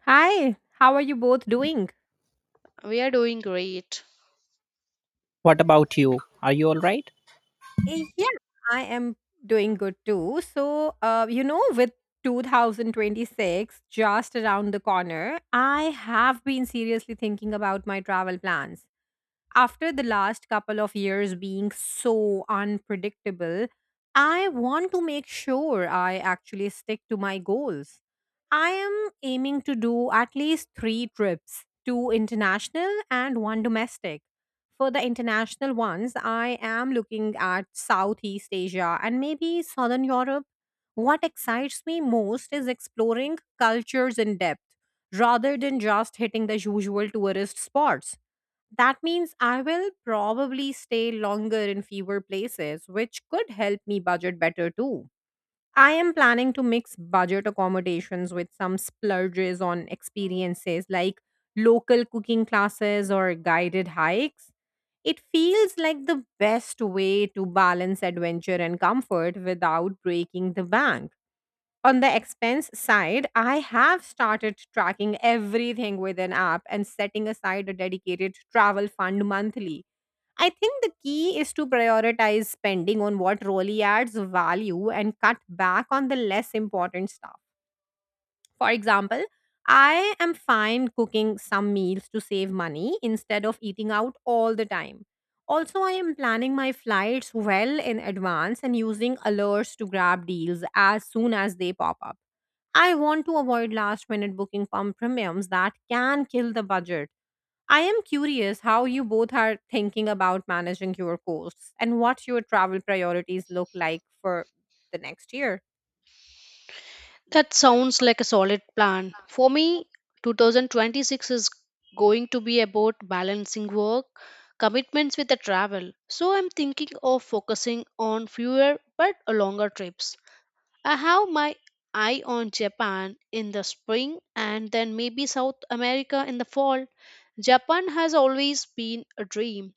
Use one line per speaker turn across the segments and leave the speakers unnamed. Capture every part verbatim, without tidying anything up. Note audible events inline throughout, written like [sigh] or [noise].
Hi, how are you both doing?
We are doing great.
What about you? Are you all right?
Eh, Yeah, I am doing good too. So, uh, you know, with two thousand twenty-six just around the corner, I have been seriously thinking about my travel plans. After the last couple of years being so unpredictable, I want to make sure I actually stick to my goals. I am aiming to do at least three trips, two international and one domestic. For the international ones, I am looking at Southeast Asia and maybe Southern Europe. What excites me most is exploring cultures in depth rather than just hitting the usual tourist spots. That means I will probably stay longer in fewer places, which could help me budget better too. I am planning to mix budget accommodations with some splurges on experiences like local cooking classes or guided hikes. It feels like the best way to balance adventure and comfort without breaking the bank. On the expense side, I have started tracking everything with an app and setting aside a dedicated travel fund monthly. I think the key is to prioritize spending on what really adds value and cut back on the less important stuff. For example, I am fine cooking some meals to save money instead of eating out all the time. Also, I am planning my flights well in advance and using alerts to grab deals as soon as they pop up. I want to avoid last minute booking pump premiums that can kill the budget. I am curious how you both are thinking about managing your costs and what your travel priorities look like for the next year.
That sounds like a solid plan. For me, two thousand twenty-six is going to be about balancing work, commitments with the travel. So I'm thinking of focusing on fewer but longer trips. I have my eye on Japan in the spring and then maybe South America in the fall. Japan has always been a dream,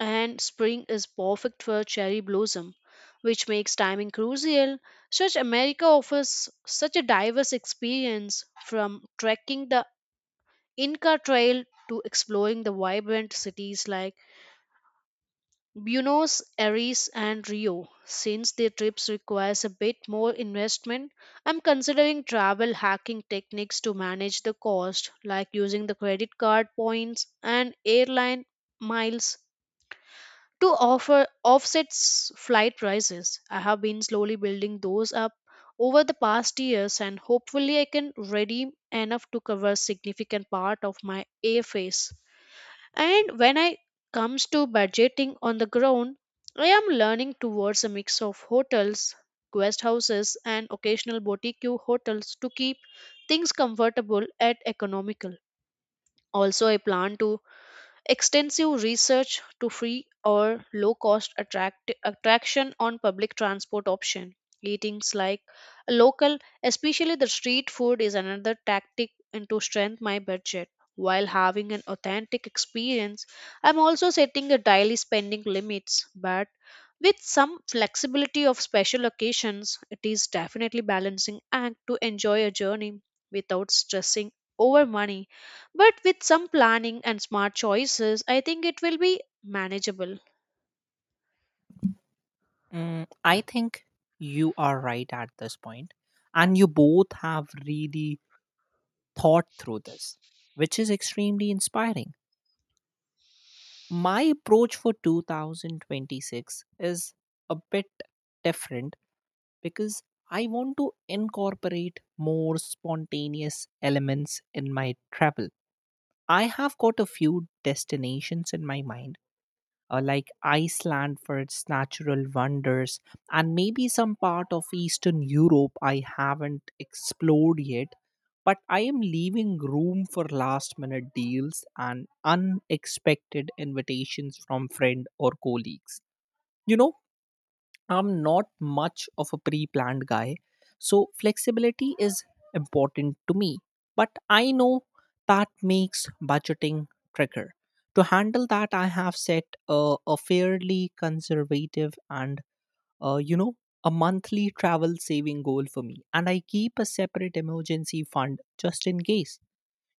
and spring is perfect for cherry blossom, which makes timing crucial. Such America offers such a diverse experience from trekking the Inca Trail to exploring the vibrant cities like Buenos Aires and Rio. Since their trips requires a bit more investment, I'm considering travel hacking techniques to manage the cost, like using the credit card points and airline miles to offer offsets flight prices. I have been slowly building those up over the past years and hopefully I can redeem enough to cover significant part of my airfares. And when I comes to budgeting on the ground, I am learning towards a mix of hotels, guest houses and occasional boutique hotels to keep things comfortable and economical. Also I plan to extensive research to free or low cost attract- attraction on public transport option. Eatings like local, especially the street food, is another tactic into strength my budget. While having an authentic experience, I'm also setting a daily spending limits, but with some flexibility of special occasions, it is definitely balancing act to enjoy a journey without stressing over money, but with some planning and smart choices, I think it will be manageable.
Mm, I think you are right at this point, and you both have really thought through this, which is extremely inspiring. My approach for two thousand twenty-six is a bit different because I want to incorporate more spontaneous elements in my travel. I have got a few destinations in my mind uh, like Iceland for its natural wonders, and maybe some part of Eastern Europe I haven't explored yet. But I am leaving room for last minute deals and unexpected invitations from friend or colleagues. You know, I'm not much of a pre planned guy, so flexibility is important to me. But I know that makes budgeting trickier. To handle that, I have set a, a fairly conservative and, uh, you know, a monthly travel saving goal for me. And I keep a separate emergency fund just in case.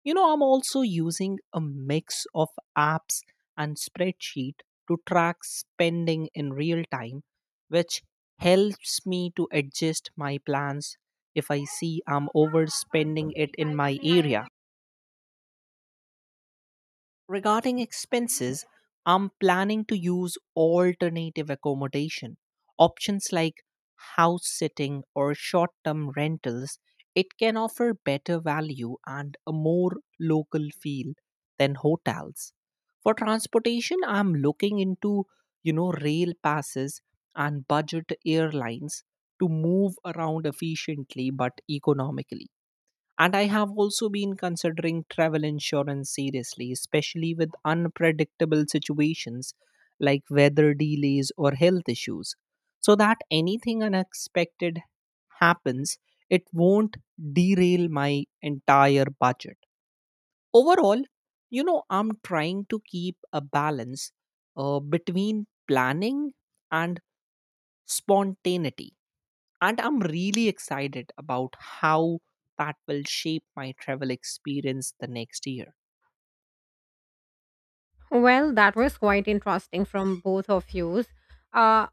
You know, I'm also using a mix of apps and spreadsheet to track spending in real time, which helps me to adjust my plans if I see I'm overspending it in my area. Regarding expenses, I'm planning to use alternative accommodation. Options like house sitting or short term rentals, it can offer better value and a more local feel than hotels. For transportation, I'm looking into, you know, rail passes and budget airlines to move around efficiently but economically. And I have also been considering travel insurance seriously, especially with unpredictable situations like weather delays or health issues, so that anything unexpected happens, it won't derail my entire budget. Overall, you know, I'm trying to keep a balance uh, between planning and spontaneity, and i'm really excited about how that will shape my travel experience the next year.
Well, that was quite interesting from both of you. Uh,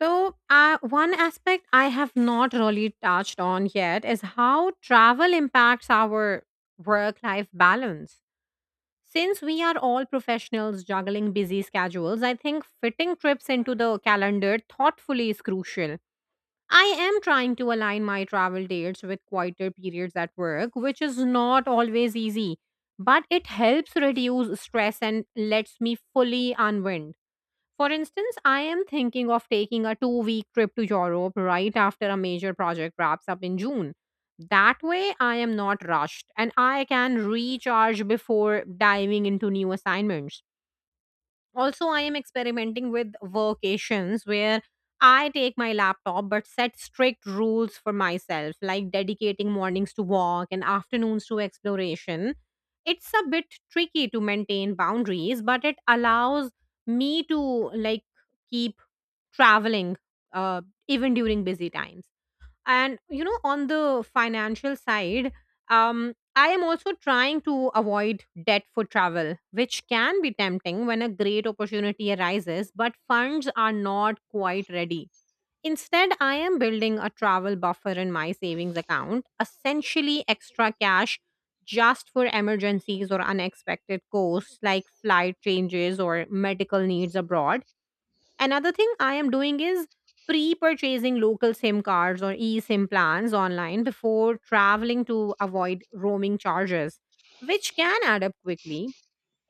so, uh, One aspect I have not really touched on yet is how travel impacts our work life balance. Since we are all professionals juggling busy schedules, I think fitting trips into the calendar thoughtfully is crucial. I am trying to align my travel dates with quieter periods at work, which is not always easy, but it helps reduce stress and lets me fully unwind. For instance, I am thinking of taking a two week trip to Europe right after a major project wraps up in June. That way, I am not rushed and I can recharge before diving into new assignments. Also, I am experimenting with workations where I take my laptop but set strict rules for myself, like dedicating mornings to walk and afternoons to exploration. It's a bit tricky to maintain boundaries, but it allows me to like keep traveling uh, even during busy times. And you know on the financial side, um I am also trying to avoid debt for travel, which can be tempting when a great opportunity arises but funds are not quite ready. Instead, I am building a travel buffer in my savings account, essentially extra cash just for emergencies or unexpected costs like flight changes or medical needs abroad. Another thing I am doing is pre purchasing local SIM cards or eSIM plans online before traveling to avoid roaming charges, which can add up quickly.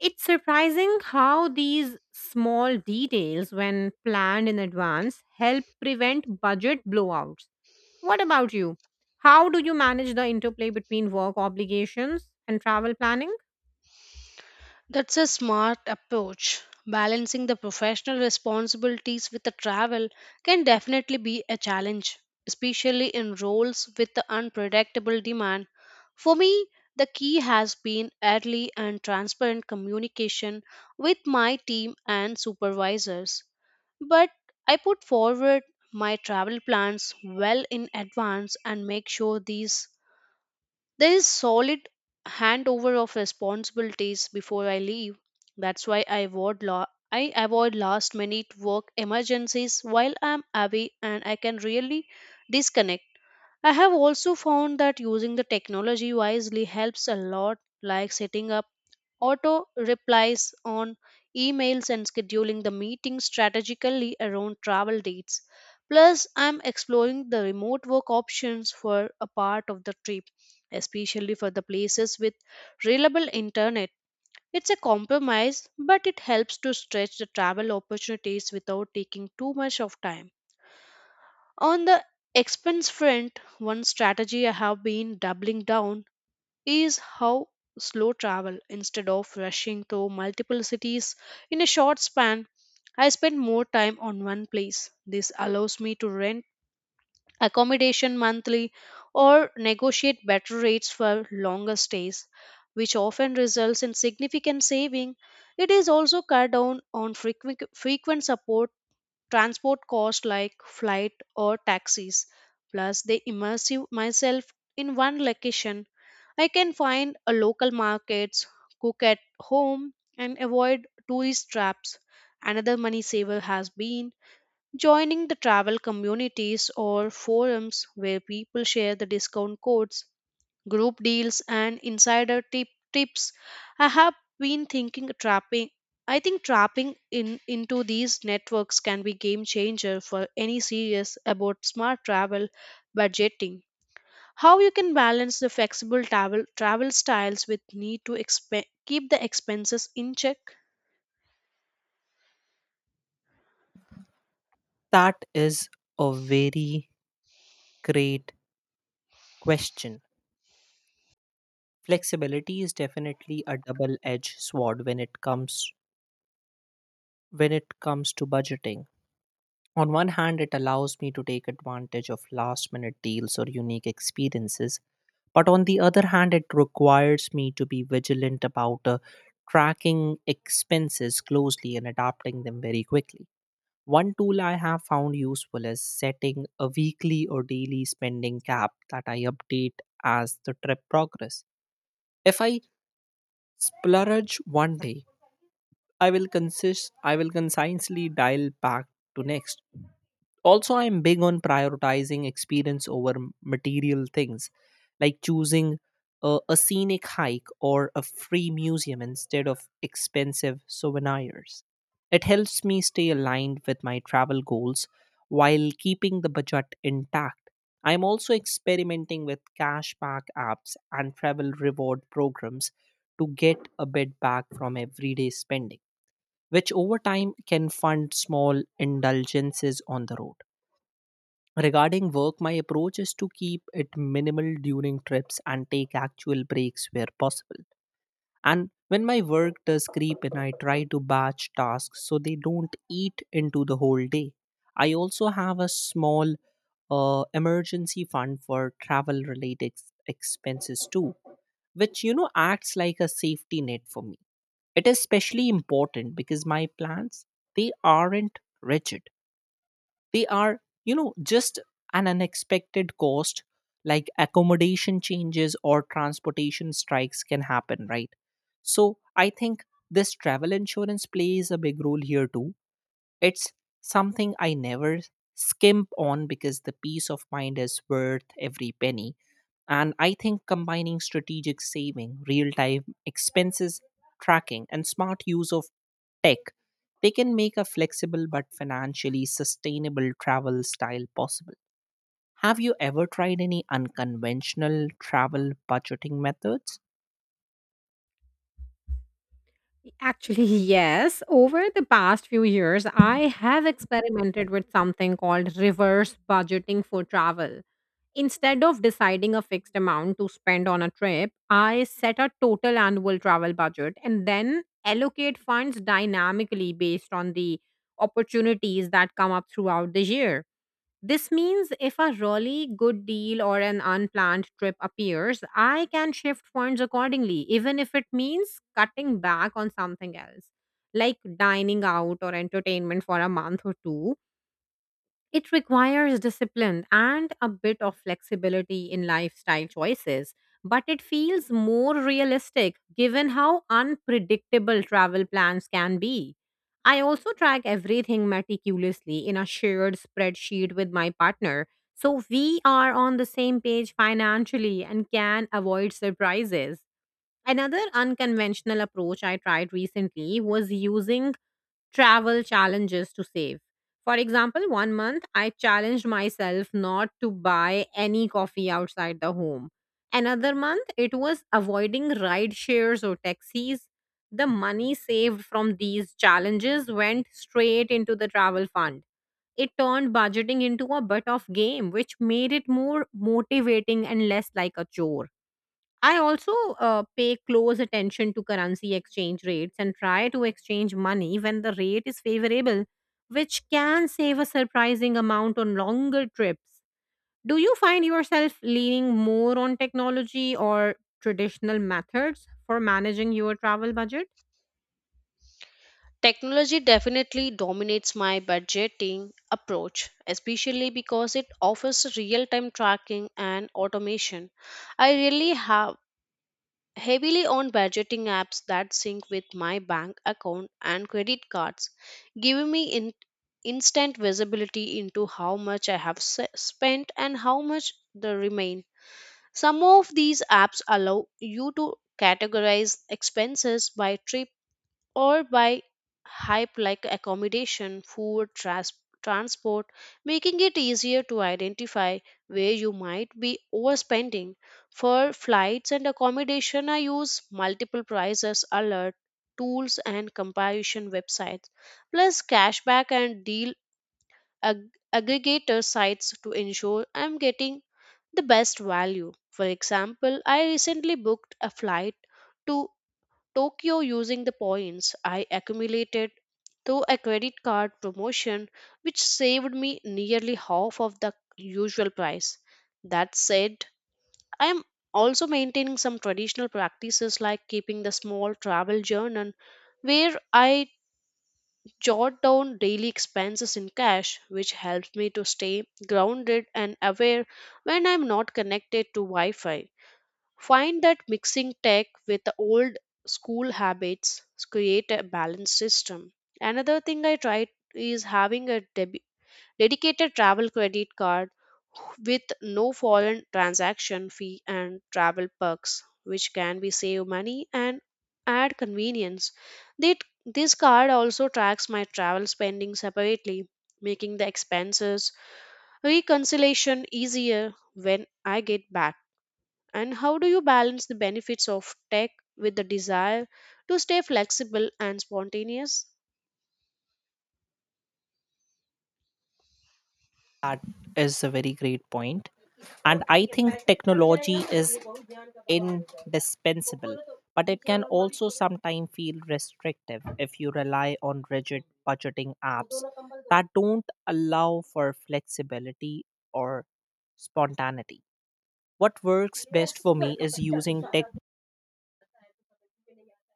It's surprising how these small details, when planned in advance, help prevent budget blowouts. What about you? How do you manage the interplay between work obligations and travel planning?
That's a smart approach. Balancing the professional responsibilities with the travel can definitely be a challenge, especially in roles with the unpredictable demand. For me, the key has been early and transparent communication with my team and supervisors. But I put forward my travel plans well in advance and make sure these there is solid handover of responsibilities before I leave. That's why I avoid la- I avoid last minute work emergencies while I'm away and I can really disconnect. I have also found that using the technology wisely helps a lot, like setting up auto replies on emails and scheduling the meeting strategically around travel dates. Plus, I'm exploring the remote work options for a part of the trip, especially for the places with reliable internet. It's a compromise, but it helps to stretch the travel opportunities without taking too much of time. On the expense front, one strategy I have been doubling down is how slow travel instead of rushing to multiple cities in a short span, I spend more time on one place. This allows me to rent accommodation monthly or negotiate better rates for longer stays, which often results in significant saving. It is also cut down on frequent, frequent support transport costs like flight or taxis. Plus they immerse you- myself in one location. I can find a local markets, cook at home, and avoid tourist traps. Another money saver has been joining the travel communities or forums where people share the discount codes, group deals, and insider tip tips. I have been thinking trapping. I think trapping in into these networks can be game changer for any serious about smart travel budgeting. How you can balance the flexible travel travel styles with need to exp- keep the expenses in check?
That is a very great question. Flexibility is definitely a double edged sword when it comes when it comes to budgeting. On one hand, it allows me to take advantage of last minute deals or unique experiences, but on the other hand, it requires me to be vigilant about uh, tracking expenses closely and adapting them very quickly. One tool I have found useful is setting a weekly or daily spending cap that I update as the trip progress. If I splurge one day, I will consist I will consciously dial back to next. Also, I'm big on prioritizing experience over m- material things, like choosing a, a scenic hike or a free museum instead of expensive souvenirs. It helps me stay aligned with my travel goals while keeping the budget intact. I'm also experimenting with cashback apps and travel reward programs to get a bit back from everyday spending, which over time can fund small indulgences on the road. Regarding work, my approach is to keep it minimal during trips and take actual breaks where possible. And when my work does creep in, I try to batch tasks so they don't eat into the whole day. I also have a small uh, emergency fund for travel related expenses too, which you know acts like a safety net for me. It is especially important because my plans they aren't rigid, they are, you know, just an unexpected cost like accommodation changes or transportation strikes can happen, right? So I think this travel insurance plays a big role here too. It's something I never skimp on because the peace of mind is worth every penny. And I think combining strategic saving, real time expenses tracking, and smart use of tech, they can make a flexible but financially sustainable travel style possible. Have you ever tried any unconventional travel budgeting methods?
Actually, [laughs] yes. Over the past few years, I have experimented with something called reverse budgeting for travel. Instead of deciding a fixed amount to spend on a trip, I set a total annual travel budget and then allocate funds dynamically based on the opportunities that come up throughout the year. This means if a really good deal or an unplanned trip appears, I can shift funds accordingly, even if it means cutting back on something else, like dining out or entertainment for a month or two. It requires discipline and a bit of flexibility in lifestyle choices, but it feels more realistic given how unpredictable travel plans can be. I also track everything meticulously in a shared spreadsheet with my partner, so we are on the same page financially and can avoid surprises. Another unconventional approach I tried recently was using travel challenges to save. For example, one month I challenged myself not to buy any coffee outside the home. Another month it was avoiding ride shares or taxis. The money saved from these challenges went straight into the travel fund. It turned budgeting into a bit of game, which made it more motivating and less like a chore. I also uh, pay close attention to currency exchange rates and try to exchange money when the rate is favorable, which can save a surprising amount on longer trips. Do you find yourself leaning more on technology or traditional methods for managing your travel budget?
Technology definitely dominates my budgeting approach, especially because it offers real time tracking and automation. I really have heavily on budgeting apps that sync with my bank account and credit cards, giving me in- instant visibility into how much I have s- spent and how much the remain. Some of these apps allow you to categorize expenses by trip or by hype like accommodation, food, tras- transport, making it easier to identify where you might be overspending. For flights and accommodation, I use multiple prices alert tools and comparison websites, plus cashback and deal ag- aggregator sites to ensure I'm getting the best value. For example, I recently booked a flight to Tokyo using the points I accumulated through a credit card promotion, which saved me nearly half of the usual price. That said, I am also maintaining some traditional practices like keeping the small travel journal where I jot down daily expenses in cash, which helps me to stay grounded and aware when I'm not connected to Wi Fi. Find that mixing tech with the old school habits create a balanced system. Another thing I tried is having a debi- dedicated travel credit card with no foreign transaction fee and travel perks, which can be save money and add convenience. That- This card also tracks my travel spending separately, making the expenses reconciliation easier when I get back. And how do you balance the benefits of tech with the desire to stay flexible and spontaneous?
That is a very great point. And I think technology is indispensable, but it can also sometimes feel restrictive if you rely on rigid budgeting apps that don't allow for flexibility or spontaneity. What works best for me is using tech.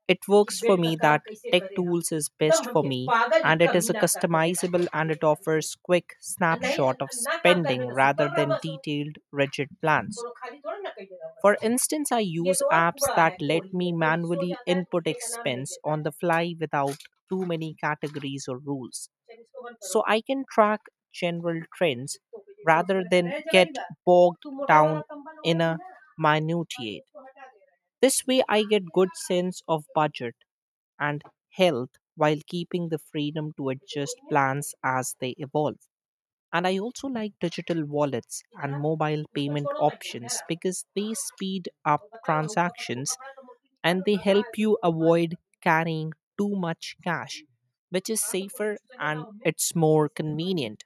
It works for me that tech tools is best for me, and it is a customizable, and it offers quick snapshot of spending rather than detailed rigid plans. For instance, i use apps that let me manually input expense on the fly without too many categories or rules, so i can track general trends rather than get bogged down in a minutiae. This way, I get good sense of budget and health while keeping the freedom to adjust plans as they evolve. And I also like digital wallets and mobile payment options because they speed up transactions and they help you avoid carrying too much cash, which is safer and it's more convenient.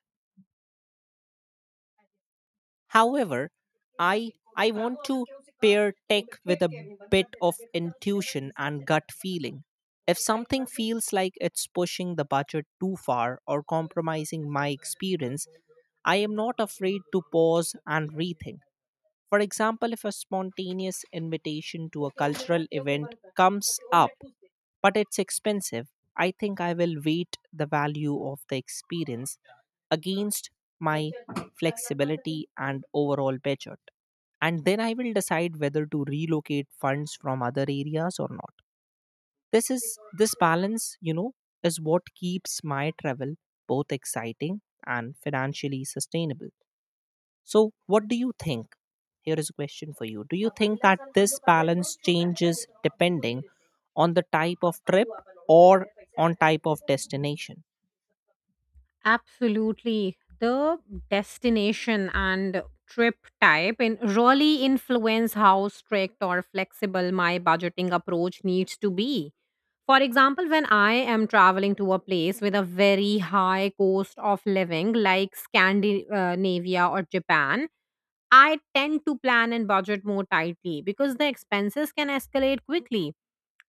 However, I I want to pair tech with a bit of intuition and gut feeling. If something feels like it's pushing the budget too far or compromising my experience, I am not afraid to pause and rethink. For example, if a spontaneous invitation to a cultural event comes up but it's expensive. I think I will weight the value of the experience against my flexibility and overall budget. And then I will decide whether to relocate funds from other areas or not. This is this balance, you know, is what keeps my travel both exciting and financially sustainable. So, what do you think? Here is a question for you. Do you think that this balance changes depending on the type of trip or on type of destination?
Absolutely. The destination and trip type in really influence how strict or flexible my budgeting approach needs to be. For example, when I am traveling to a place with a very high cost of living, like Scandinavia or Japan, I tend to plan and budget more tightly because the expenses can escalate quickly.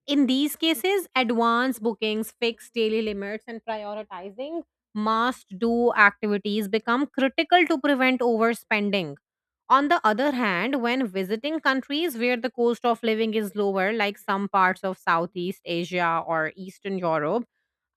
In these cases, advance bookings, fixed daily limits, and prioritizing must do activities become critical to prevent overspending. On the other hand, when visiting countries where the cost of living is lower, like some parts of Southeast Asia or Eastern Europe,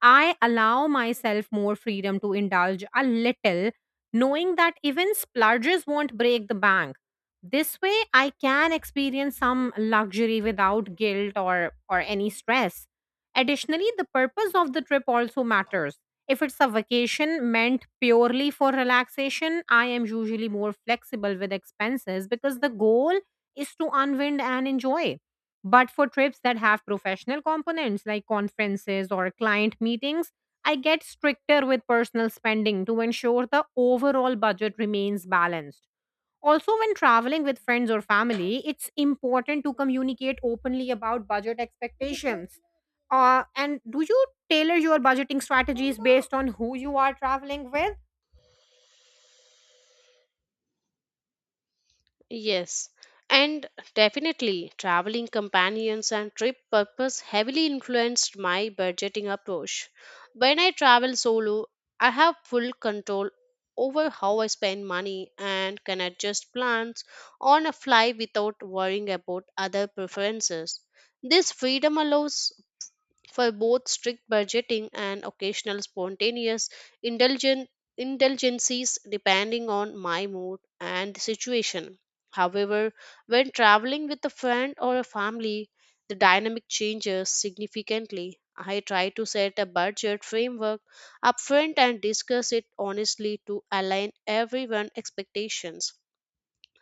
I allow myself more freedom to indulge a little, knowing that even splurges won't break the bank. This way, I can experience some luxury without guilt or, or any stress. Additionally, the purpose of the trip also matters. If it's a vacation meant purely for relaxation, I am usually more flexible with expenses because the goal is to unwind and enjoy. But for trips that have professional components like conferences or client meetings, I get stricter with personal spending to ensure the overall budget remains balanced. Also, when traveling with friends or family, it's important to communicate openly about budget expectations. Uh, and do you tailor your budgeting strategies based on who you are traveling with?
Yes, and definitely traveling companions and trip purpose heavily influenced my budgeting approach. When I travel solo, I have full control over how I spend money and can adjust plans on a fly without worrying about other preferences. This freedom allows for both strict budgeting and occasional spontaneous indulgen- indulgences depending on my mood and the situation. However, when traveling with a friend or a family, the dynamic changes significantly. I try to set a budget framework upfront and discuss it honestly to align everyone's expectations.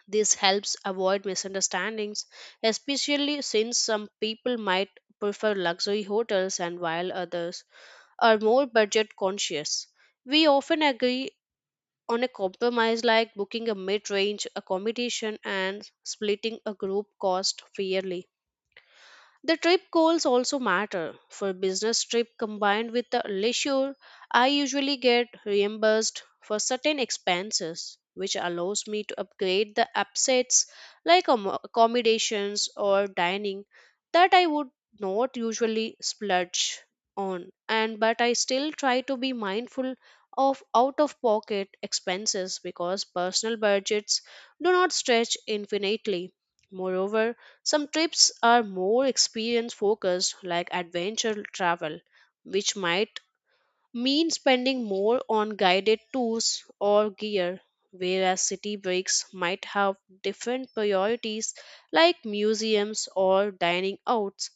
This helps avoid misunderstandings, especially since some people might prefer luxury hotels and while others are more budget conscious. We often agree on a compromise like booking a mid range accommodation and splitting a group cost fairly. The trip goals also matter. For business trip combined with the leisure, I usually get reimbursed for certain expenses, which allows me to upgrade the upsets like ammo- accommodations or dining that I would not usually splurge on, and but I still try to be mindful of out of pocket expenses because personal budgets do not stretch infinitely. Moreover, some trips are more experience focused, like adventure travel, which might mean spending more on guided tours or gear, whereas city breaks might have different priorities, like museums or dining outs.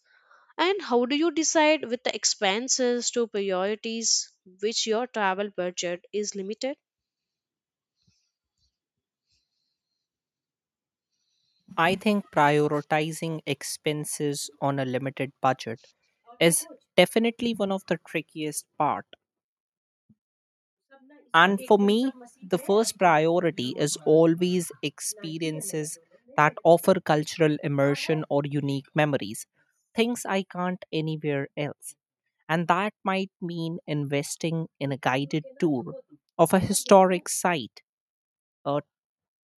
And how do you decide with the expenses to priorities which your travel budget is limited?
I think prioritizing expenses on a limited budget is definitely one of the trickiest part. And for me, the first priority is always experiences that offer cultural immersion or unique memories, things I can't anywhere else. And that might mean investing in a guided tour of a historic site, a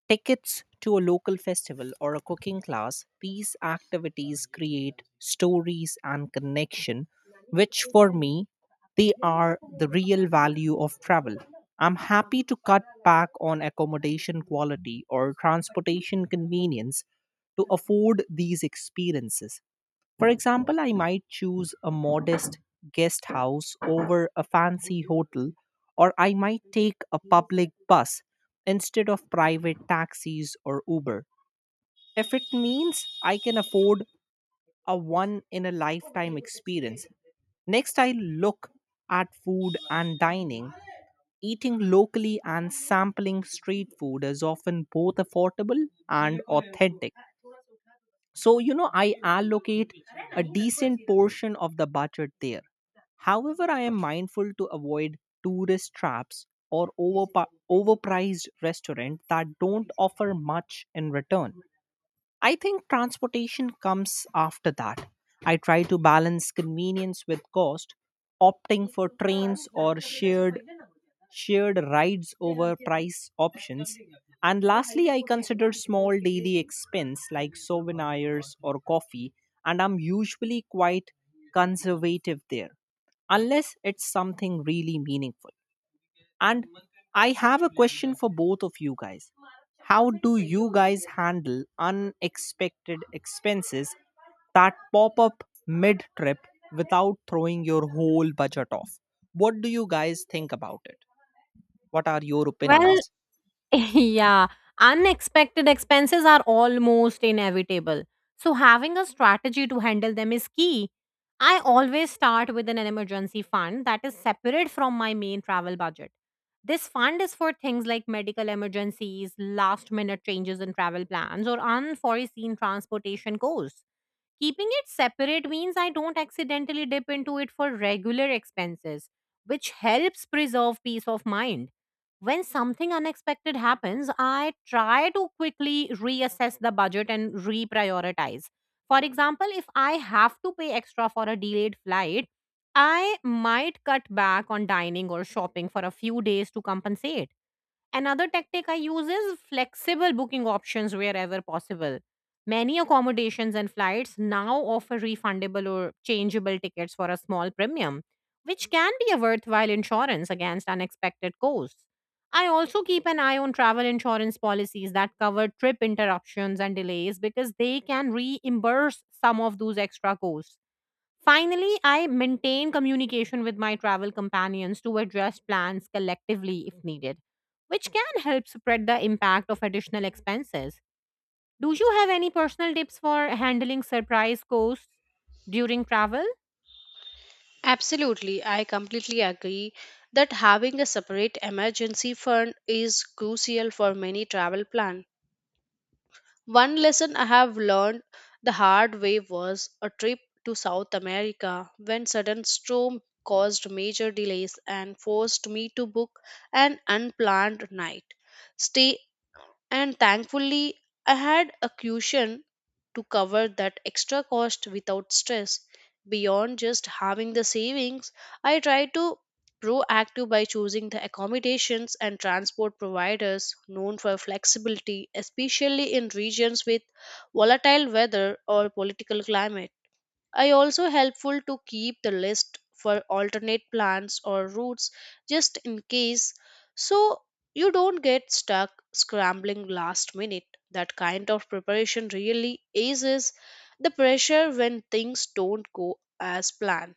Tickets to a local festival or a cooking class. These activities create stories and connection, which for me, they are the real value of travel. I'm happy to cut back on accommodation quality or transportation convenience to afford these experiences. For example, I might choose a modest guest house over a fancy hotel, or I might take a public bus instead of private taxis or Uber. If it means I can afford a one in a lifetime experience. Next, I look at food and dining. Eating locally and sampling street food is often both affordable and authentic. So, you know, I allocate a decent portion of the budget there. However, I am mindful to avoid tourist traps or overpa- overpriced restaurants that don't offer much in return. I think transportation comes after that. I try to balance convenience with cost, opting for trains or shared shared rides over price options. And lastly, I consider small daily expense like souvenirs or coffee, and I'm usually quite conservative there, unless it's something really meaningful. And I have a question for both of you guys. How do you guys handle unexpected expenses that pop up mid trip without throwing your whole budget off? What do you guys think about it? What are your
Well,
opinions?
[laughs] yeah, unexpected expenses are almost inevitable. So, having a strategy to handle them is key. I always start with an emergency fund that is separate from my main travel budget. This fund is for things like medical emergencies, last minute changes in travel plans, or unforeseen transportation costs. Keeping it separate means I don't accidentally dip into it for regular expenses, which helps preserve peace of mind. When something unexpected happens, I try to quickly reassess the budget and reprioritize. For example, if I have to pay extra for a delayed flight, I might cut back on dining or shopping for a few days to compensate. Another tactic I use is flexible booking options wherever possible. Many accommodations and flights now offer refundable or changeable tickets for a small premium, which can be a worthwhile insurance against unexpected costs. I also keep an eye on travel insurance policies that cover trip interruptions and delays because they can reimburse some of those extra costs. Finally, I maintain communication with my travel companions to adjust plans collectively if needed, which can help spread the impact of additional expenses. Do you have any personal tips for handling surprise costs during travel?
Absolutely, I completely agree that having a separate emergency fund is crucial for many travel plans. One lesson I have learned the hard way was a trip to South America when sudden storm caused major delays and forced me to book an unplanned night stay, and thankfully I had a cushion to cover that extra cost without stress. Beyond just having the savings, I try to proactive by choosing the accommodations and transport providers known for flexibility, especially in regions with volatile weather or political climate. I also helpful to keep the list for alternate plans or routes just in case, so you don't get stuck scrambling last minute. That kind of preparation really eases the pressure when things don't go as planned.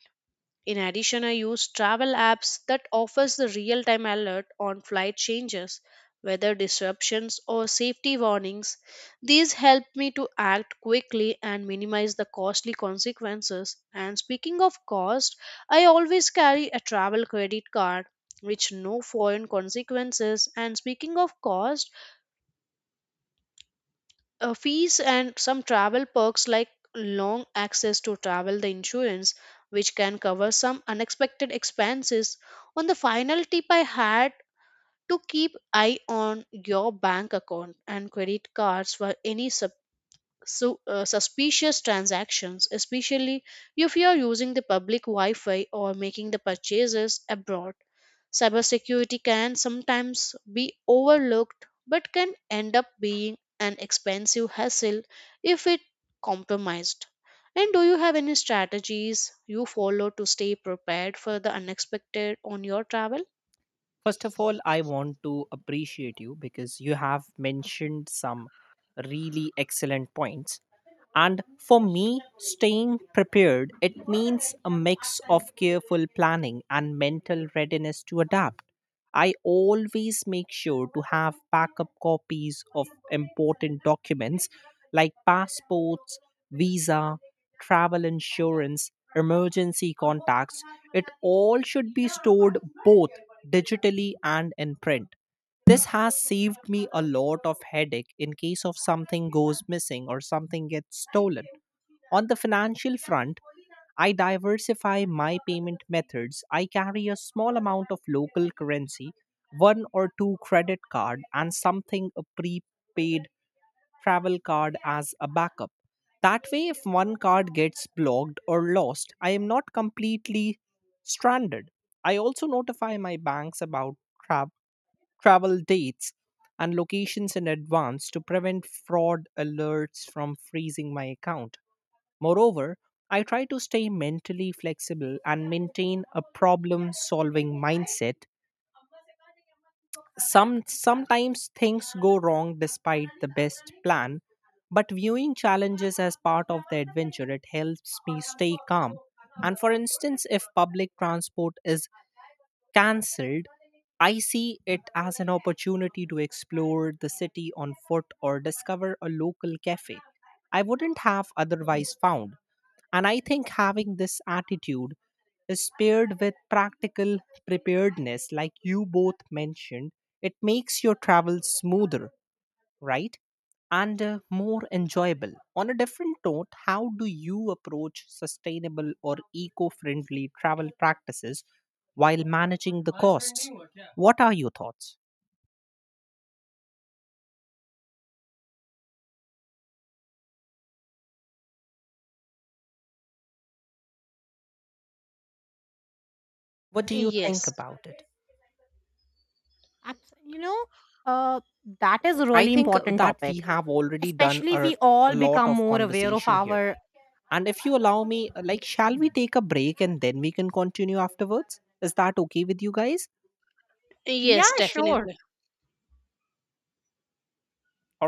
In addition, I use travel apps that offers the real-time alert on flight changes, weather disruptions or safety warnings. These help me to act quickly and minimize the costly consequences. And speaking of cost, I always carry a travel credit card which no foreign consequences and speaking of cost uh, fees and some travel perks like long access to travel the insurance, which can cover some unexpected expenses. On the final tip, I had to keep eye on your bank account and credit cards for any su- uh, suspicious transactions, especially if you are using the public Wi Fi or making the purchases abroad. Cybersecurity can sometimes be overlooked but can end up being an expensive hassle if it compromised. And do you have any strategies you follow to stay prepared for the unexpected on your travel?
First of all, I want to appreciate you because you have mentioned some really excellent points. And for me, staying prepared, it means a mix of careful planning and mental readiness to adapt. I always make sure to have backup copies of important documents like passports, visa, travel insurance, emergency contacts. It all should be stored both digitally and in print. This has saved me a lot of headache in case of something goes missing or something gets stolen. On the financial front, I diversify my payment methods. I carry a small amount of local currency, one or two credit card, and something a prepaid travel card as a backup. That way, if one card gets blocked or lost, I am not completely stranded. I also notify my banks about tra- travel dates, and locations in advance to prevent fraud alerts from freezing my account. Moreover, I try to stay mentally flexible and maintain a problem solving mindset. Some sometimes things go wrong despite the best plan, but viewing challenges as part of the adventure it helps me stay calm. And for instance, if public transport is cancelled, I see it as an opportunity to explore the city on foot or discover a local cafe I wouldn't have otherwise found. And I think having this attitude is paired with practical preparedness, like you both mentioned, it makes your travel smoother, right? And uh, more enjoyable. On a different note, how do you approach sustainable or eco friendly travel practices while managing the costs? What are your thoughts? What do you [laughs] think
Yes,
about it?
Abs- You know, uh, that is a
I
really
think uh,
important
that we
topic.
have already done
Especially,
a
we all
lot
become
of
more aware of
conversation here.
our.
And if you allow me, uh, like, shall we take a break and then we can continue afterwards? Is that okay with you guys?
Yeah,
yes,
sure.
definitely.
All right.